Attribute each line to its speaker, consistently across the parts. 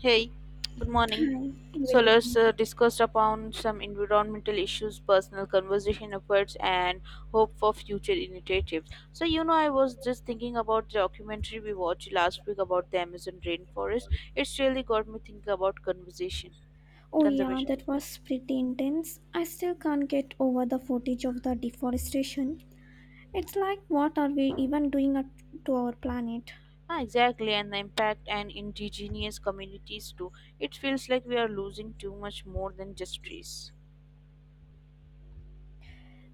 Speaker 1: Hey, good morning. So
Speaker 2: Very
Speaker 1: let's
Speaker 2: good.
Speaker 1: discuss upon some environmental issues, personal conversation efforts, and hope for future initiatives. I was just thinking about the documentary we watched last week about the Amazon rainforest. It's really got me thinking about conversation
Speaker 2: Oh yeah,
Speaker 1: conservation.
Speaker 2: that was pretty intense. I still can't get over the footage of the deforestation. It's like what are we even doing to our planet?
Speaker 1: Ah, exactly, and the impact and indigenous communities too. It feels like we are losing too much more than just trees.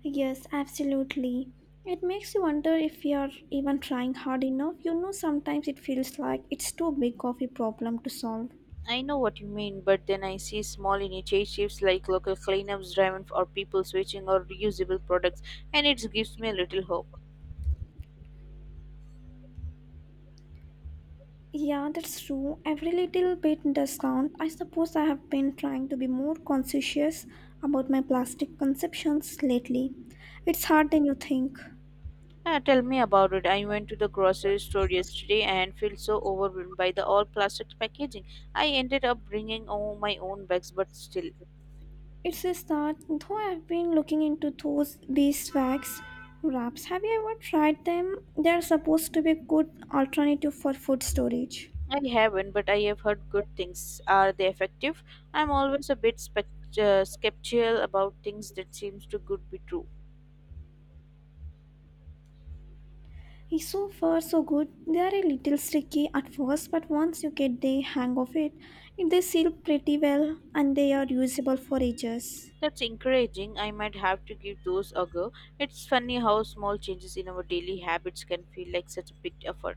Speaker 2: Yes, absolutely. It makes you wonder if we are even trying hard enough. You know, sometimes it feels like it's too big of a problem to solve.
Speaker 1: I know what you mean, but then I see small initiatives like local cleanups, driven or people switching or reusable products, and it gives me a little hope.
Speaker 2: Yeah, that's true. Every little bit does count. I suppose I have been trying to be more conscientious about my plastic consumptions lately. It's harder than you think.
Speaker 1: Ah, tell me about it. I went to the grocery store yesterday and felt so overwhelmed by the all plastic packaging. I ended up bringing all my own bags, but still.
Speaker 2: It's just that though I've been looking into those beeswax wraps. Have you ever tried them? They're supposed to be a good alternative for food storage.
Speaker 1: I haven't, but I have heard good things. Are they effective? I'm always a bit skeptical about things that seems too good be true.
Speaker 2: So far, so good. They are a little sticky at first, but once you get the hang of it, they seal pretty well and they are usable for ages.
Speaker 1: That's encouraging. I might have to give those a go. It's funny how small changes in our daily habits can feel like such a big effort.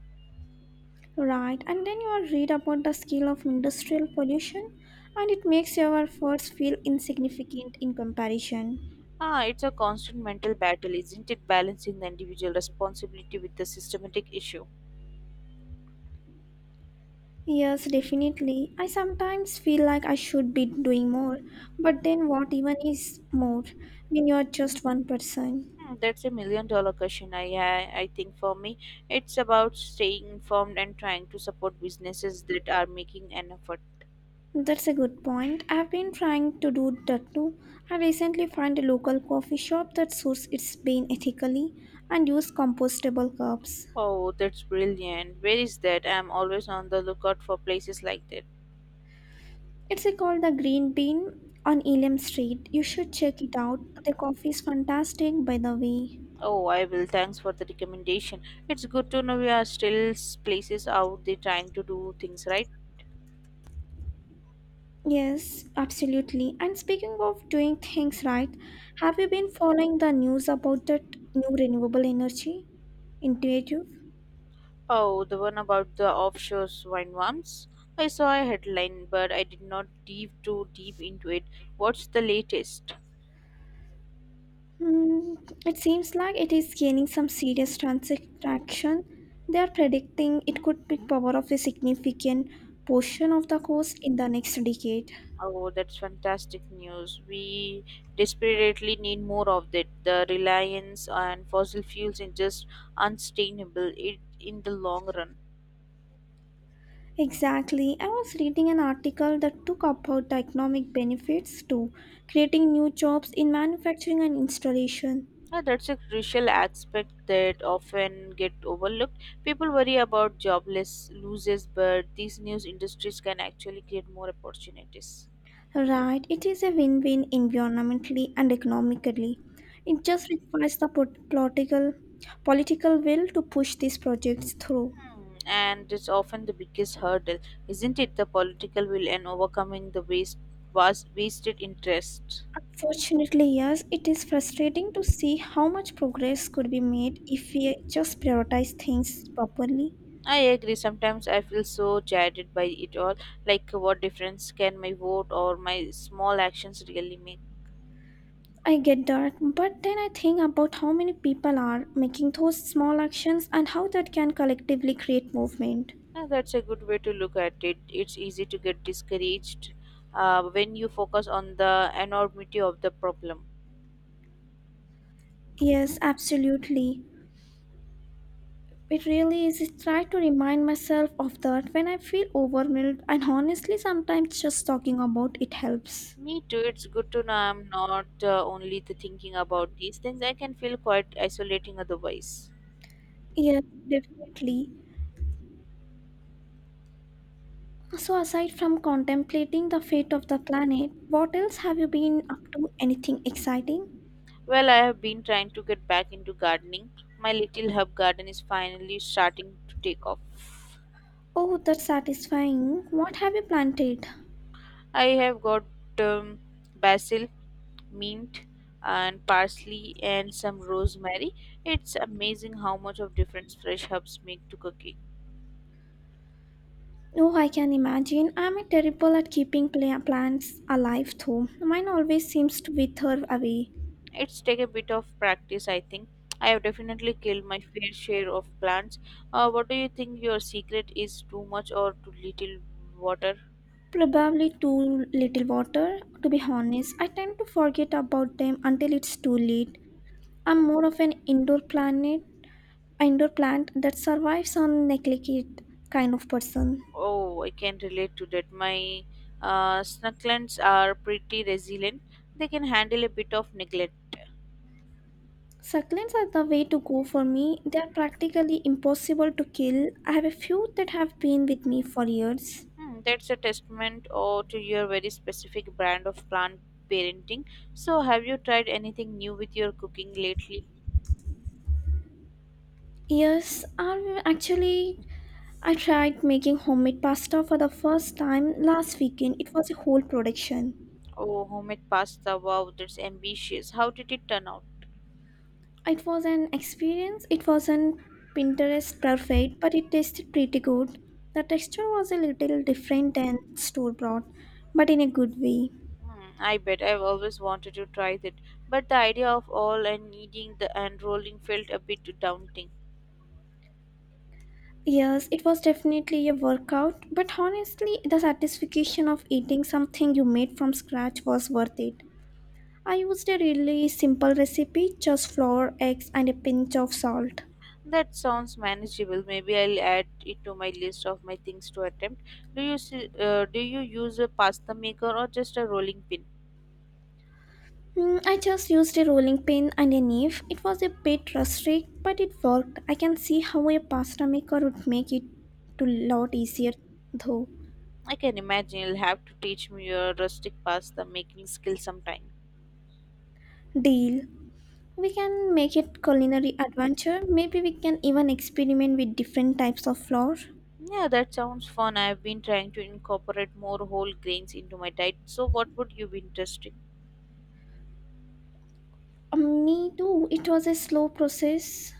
Speaker 2: Right, and then you all read about the scale of industrial pollution, and it makes your efforts feel insignificant in comparison.
Speaker 1: Ah, it's a constant mental battle, isn't it? Balancing the individual responsibility with the systematic issue.
Speaker 2: Yes, definitely. I sometimes feel like I should be doing more, but then what even is more when you're just one person?
Speaker 1: Hmm, that's a million dollar question. I think for me, it's about staying informed and trying to support businesses that are making an effort.
Speaker 2: That's a good point. I've been trying to do that too. I recently found a local coffee shop that sources its bean ethically and use compostable cups.
Speaker 1: Oh, that's brilliant. Where is that? I'm always on the lookout for places like that.
Speaker 2: It's called the Green Bean on Elam Street. You should check it out. The coffee is fantastic, by the way.
Speaker 1: Oh, I will. Thanks for the recommendation. It's good to know we are still places out there trying to do things right.
Speaker 2: Yes, absolutely. And speaking of doing things right, have you been following the news about that new renewable energy initiative?
Speaker 1: Oh, the one about the offshore wind farms. I saw a headline, but I did not dive too deep into it. What's the latest?
Speaker 2: Hmm, it seems like it is gaining some serious traction. They are predicting it could be power of a significant portion of the coast in the next decade.
Speaker 1: Oh, that's fantastic news. We desperately need more of that. The reliance on fossil fuels is just unsustainable it, in the long run.
Speaker 2: Exactly. I was reading an article that took about the economic benefits to creating new jobs in manufacturing and installation.
Speaker 1: Yeah, that's a crucial aspect that often get overlooked. People worry about jobless losses, but these new industries can actually create more opportunities.
Speaker 2: Right, it is a win win environmentally and economically. It just requires the political will to push these projects through.
Speaker 1: Hmm. And it's often the biggest hurdle, isn't it? The political will and overcoming the wasted interest.
Speaker 2: Unfortunately, yes, it is frustrating to see how much progress could be made if we just prioritize things properly.
Speaker 1: I agree. Sometimes I feel so jaded by it all. Like, what difference can my vote or my small actions really make?
Speaker 2: I get that, but then I think about how many people are making those small actions and how that can collectively create movement.
Speaker 1: Yeah, that's a good way to look at it. It's easy to get discouraged when you focus on the enormity of the problem.
Speaker 2: Yes, absolutely. It really is. I try to remind myself of that when I feel overwhelmed, and honestly, sometimes just talking about it helps.
Speaker 1: Me too. It's good to know I'm not only the thinking about these things. I can feel quite isolating otherwise.
Speaker 2: Yes, definitely. So, aside from contemplating the fate of the planet, what else have you been up to? Anything exciting?
Speaker 1: Well, I have been trying to get back into gardening. My little herb garden is finally starting to take off.
Speaker 2: Oh, that's satisfying. What have you planted?
Speaker 1: I have got um, basil, mint, and parsley, and some rosemary. It's amazing how much of difference fresh herbs make to cooking.
Speaker 2: Oh, I can imagine. I'm terrible at keeping plants alive, though. Mine always seems to wither away.
Speaker 1: It's take a bit of practice, I think. I have definitely killed my fair share of plants. What do you think your secret is, too much or too little water?
Speaker 2: Probably too little water. To be honest, I tend to forget about them until it's too late. I'm more of an indoor plant that survives on neglected kind of person.
Speaker 1: Oh, I can relate to that. My snucklands are pretty resilient. They can handle a bit of neglect.
Speaker 2: Succulents are the way to go for me. They are practically impossible to kill. I have a few that have been with me for years.
Speaker 1: Hmm, that's a testament or to your very specific brand of plant parenting. So, have you tried anything new with your cooking lately?
Speaker 2: Yes. I tried making homemade pasta for the first time last weekend. It was a whole production.
Speaker 1: Oh, homemade pasta. Wow, that's ambitious. How did it turn out?
Speaker 2: It was an experience. It wasn't Pinterest perfect, but it tasted pretty good. The texture was a little different than store bought, but in a good way.
Speaker 1: Hmm, I bet I've always wanted to try that, but the idea of all and kneading the and rolling felt a bit daunting.
Speaker 2: Yes, it was definitely a workout, but honestly, the satisfaction of eating something you made from scratch was worth it. I used a really simple recipe just flour, eggs, and a pinch of salt.
Speaker 1: That sounds manageable. Maybe I'll add it to my list of my things to attempt. Do you use a pasta maker or just a rolling pin?
Speaker 2: Hmm, I just used a rolling pin and a knife. It was a bit rustic, but it worked. I can see how a pasta maker would make it a lot easier, though.
Speaker 1: I can imagine you'll have to teach me your rustic pasta making skill sometime.
Speaker 2: Deal. We can make it culinary adventure. Maybe we can even experiment with different types of flour.
Speaker 1: Yeah, that sounds fun. I've been trying to incorporate more whole grains into my diet. So, what would you be interested?
Speaker 2: Me too. It was a slow process,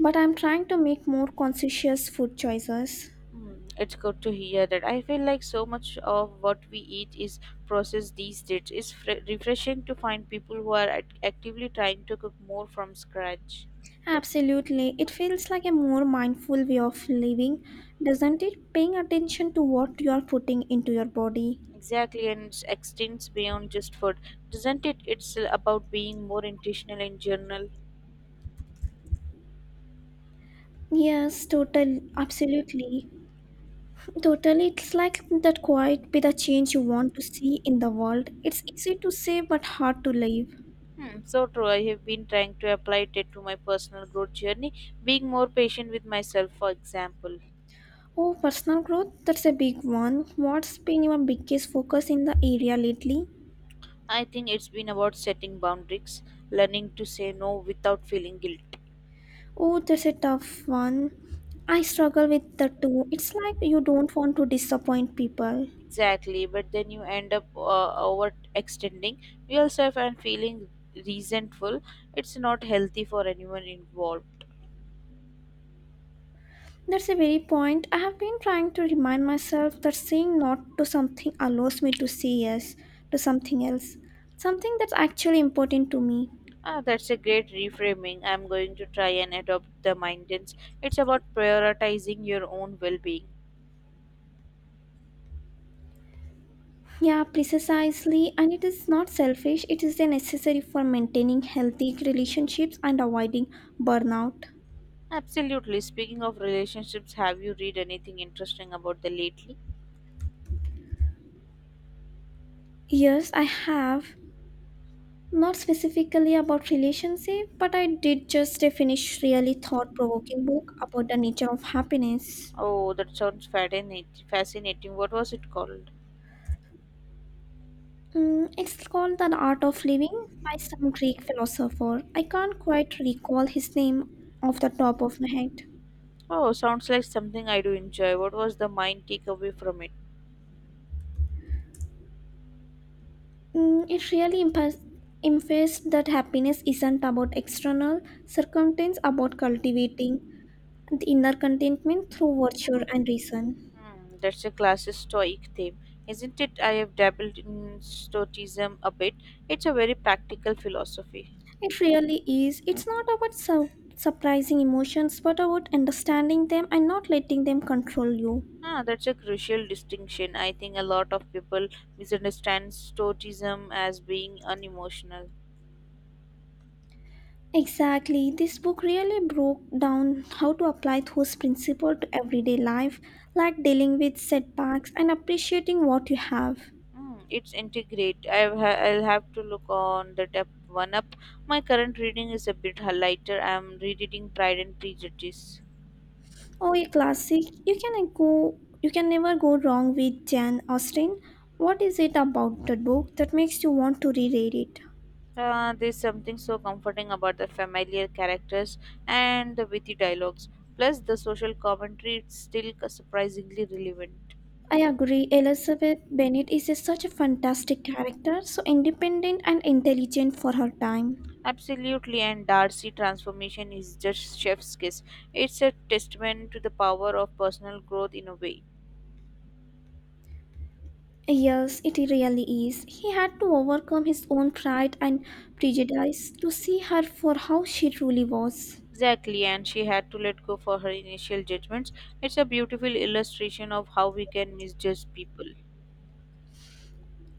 Speaker 2: but I'm trying to make more conscious food choices.
Speaker 1: Hmm, it's good to hear that. I feel like so much of what we eat is processed these days. It's refreshing to find people who are actively trying to cook more from scratch.
Speaker 2: Absolutely. It feels like a more mindful way of living, doesn't it? Paying attention to what you are putting into your body.
Speaker 1: Exactly, and it extends beyond just food, doesn't it? It's about being more intentional in general.
Speaker 2: Yes, totally. Absolutely. Totally. It's like that quiet be the change you want to see in the world. It's easy to say but hard to live.
Speaker 1: Hmm, so true. I have been trying to apply it to my personal growth journey, being more patient with myself, for example.
Speaker 2: Oh, personal growth, that's a big one. What's been your biggest focus in the area lately?
Speaker 1: I think it's been about setting boundaries, learning to say no without feeling guilty.
Speaker 2: Oh, that's a tough one. I struggle with the two. It's like you don't want to disappoint people.
Speaker 1: Exactly, but then you end up overextending yourself and feeling resentful. It's not healthy for anyone involved.
Speaker 2: That's a very point. I have been trying to remind myself that saying not to something allows me to say yes to something else, something that's actually important to me.
Speaker 1: Ah, that's a great reframing. I'm going to try and adopt the mindset. It's about prioritizing your own well-being.
Speaker 2: Yeah, precisely. And it is not selfish, it is necessary for maintaining healthy relationships and avoiding burnout.
Speaker 1: Absolutely. Speaking of relationships, have you read anything interesting about the lately?
Speaker 2: Yes, I have. Not specifically about relationship, but I did just finish really thought provoking book about the nature of happiness.
Speaker 1: Oh, that sounds fascinating. Fascinating. What was it called?
Speaker 2: Mm, it's called The Art of Living by some Greek philosopher. I can't quite recall his name off the top of my head.
Speaker 1: Oh, sounds like something I do enjoy. What was the mind takeaway from it?
Speaker 2: Mm, it really emphasized that happiness isn't about external circumstance, about cultivating the inner contentment through virtue and reason.
Speaker 1: Hmm, that's a classic Stoic theme, isn't it? I have dabbled in Stoicism a bit. It's a very practical philosophy.
Speaker 2: It really is. It's not about surprising emotions, but about understanding them and not letting them control you.
Speaker 1: Ah, that's a crucial distinction. I think a lot of people misunderstand Stoicism as being unemotional.
Speaker 2: Exactly. This book really broke down how to apply those principles to everyday life, like dealing with setbacks and appreciating what you have.
Speaker 1: Hmm, it's integrate. I'll have to look on the depth one up. My current reading is a bit lighter. I'm rereading Pride and Prejudice.
Speaker 2: Oh, a classic. You can never go wrong with Jane Austen. What is it about that book that makes you want to reread it?
Speaker 1: There's something so comforting about the familiar characters and the witty dialogues. Plus, the social commentary it's still surprisingly relevant.
Speaker 2: I agree. Elizabeth Bennet is such a fantastic character, so independent and intelligent for her time.
Speaker 1: Absolutely, and Darcy transformation is just chef's kiss. It's a testament to the power of personal growth in a way.
Speaker 2: Yes, it really is. He had to overcome his own pride and prejudice to see her for how she truly was.
Speaker 1: Exactly, and she had to let go for her initial judgments. It's a beautiful illustration of how we can misjudge people.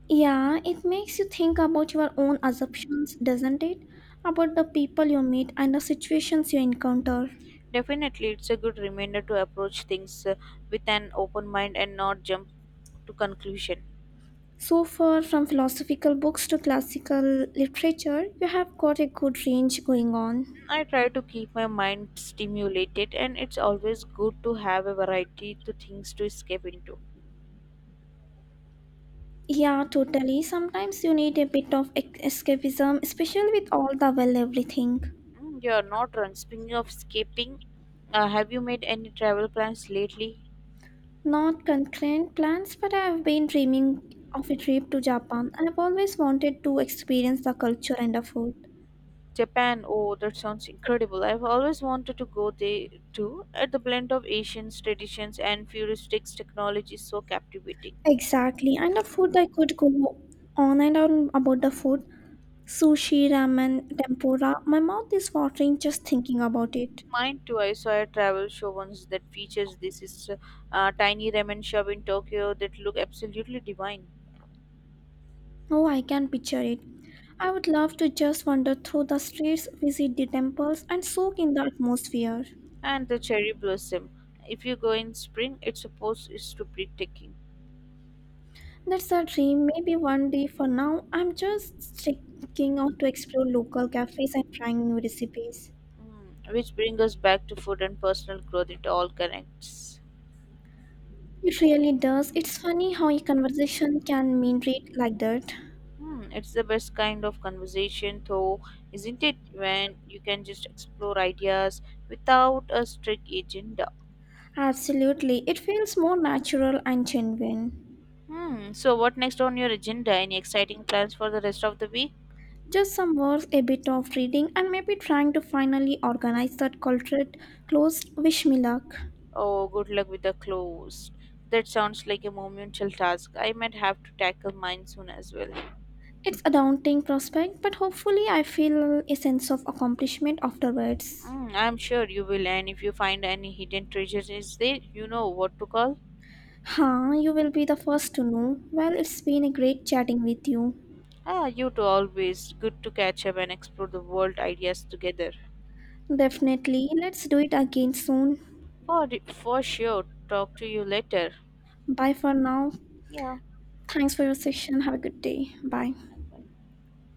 Speaker 2: Yeah, it makes you think about your own assumptions, doesn't it? About the people you meet and the situations you encounter.
Speaker 1: Definitely, it's a good reminder to approach things with an open mind and not jump to conclusion.
Speaker 2: So far, from philosophical books to classical literature, you have got a good range going on.
Speaker 1: I try to keep my mind stimulated, and it's always good to have a variety to things to escape into.
Speaker 2: Yeah, totally. Sometimes you need a bit of escapism, especially with all the well everything.
Speaker 1: Mm, you are not run. Speaking of escaping, have you made any travel plans lately?
Speaker 2: Not concrete plans, but I have been dreaming of a trip to Japan. I have always wanted to experience the culture and the food.
Speaker 1: Japan, oh, that sounds incredible. I've always wanted to go there too. At the blend of Asian traditions and futuristics technology is so captivating.
Speaker 2: Exactly, and the food I could go on and on about the food. Sushi, ramen, tempura. My mouth is watering just thinking about it.
Speaker 1: Mine too. I saw a travel show once that features this is tiny ramen shop in Tokyo that look absolutely divine.
Speaker 2: Oh, I can picture it. I would love to just wander through the streets, visit the temples, and soak in the atmosphere.
Speaker 1: And the cherry blossom. If you go in spring, it's supposed is to be ticking.
Speaker 2: That's a dream. Maybe one day for now, I'm just checking out to explore local cafes and trying new recipes.
Speaker 1: Mm, which brings us back to food and personal growth. It all connects.
Speaker 2: It really does. It's funny how a conversation can mean read like that.
Speaker 1: Hmm, it's the best kind of conversation, though, isn't it? When you can just explore ideas without a strict agenda.
Speaker 2: Absolutely. It feels more natural and genuine.
Speaker 1: Hmm. So, what next on your agenda? Any exciting plans for the rest of the week?
Speaker 2: Just some words, a bit of reading, and maybe trying to finally organize that cultured closed. Wish me luck.
Speaker 1: Oh, good luck with the close. That sounds like a monumental task. I might have to tackle mine soon as well.
Speaker 2: It's a daunting prospect, but hopefully, I feel a sense of accomplishment afterwards.
Speaker 1: Mm, I'm sure you will, and if you find any hidden treasures, is there, you know what to call?
Speaker 2: Huh, you will be the first to know. Well, it's been a great chatting with you.
Speaker 1: Ah, you two always good to catch up and explore the world ideas together.
Speaker 2: Definitely. Let's do it again soon.
Speaker 1: For for sure. Talk to you later.
Speaker 2: Bye for now.
Speaker 1: Yeah.
Speaker 2: Thanks for your session. Have a good day. Bye.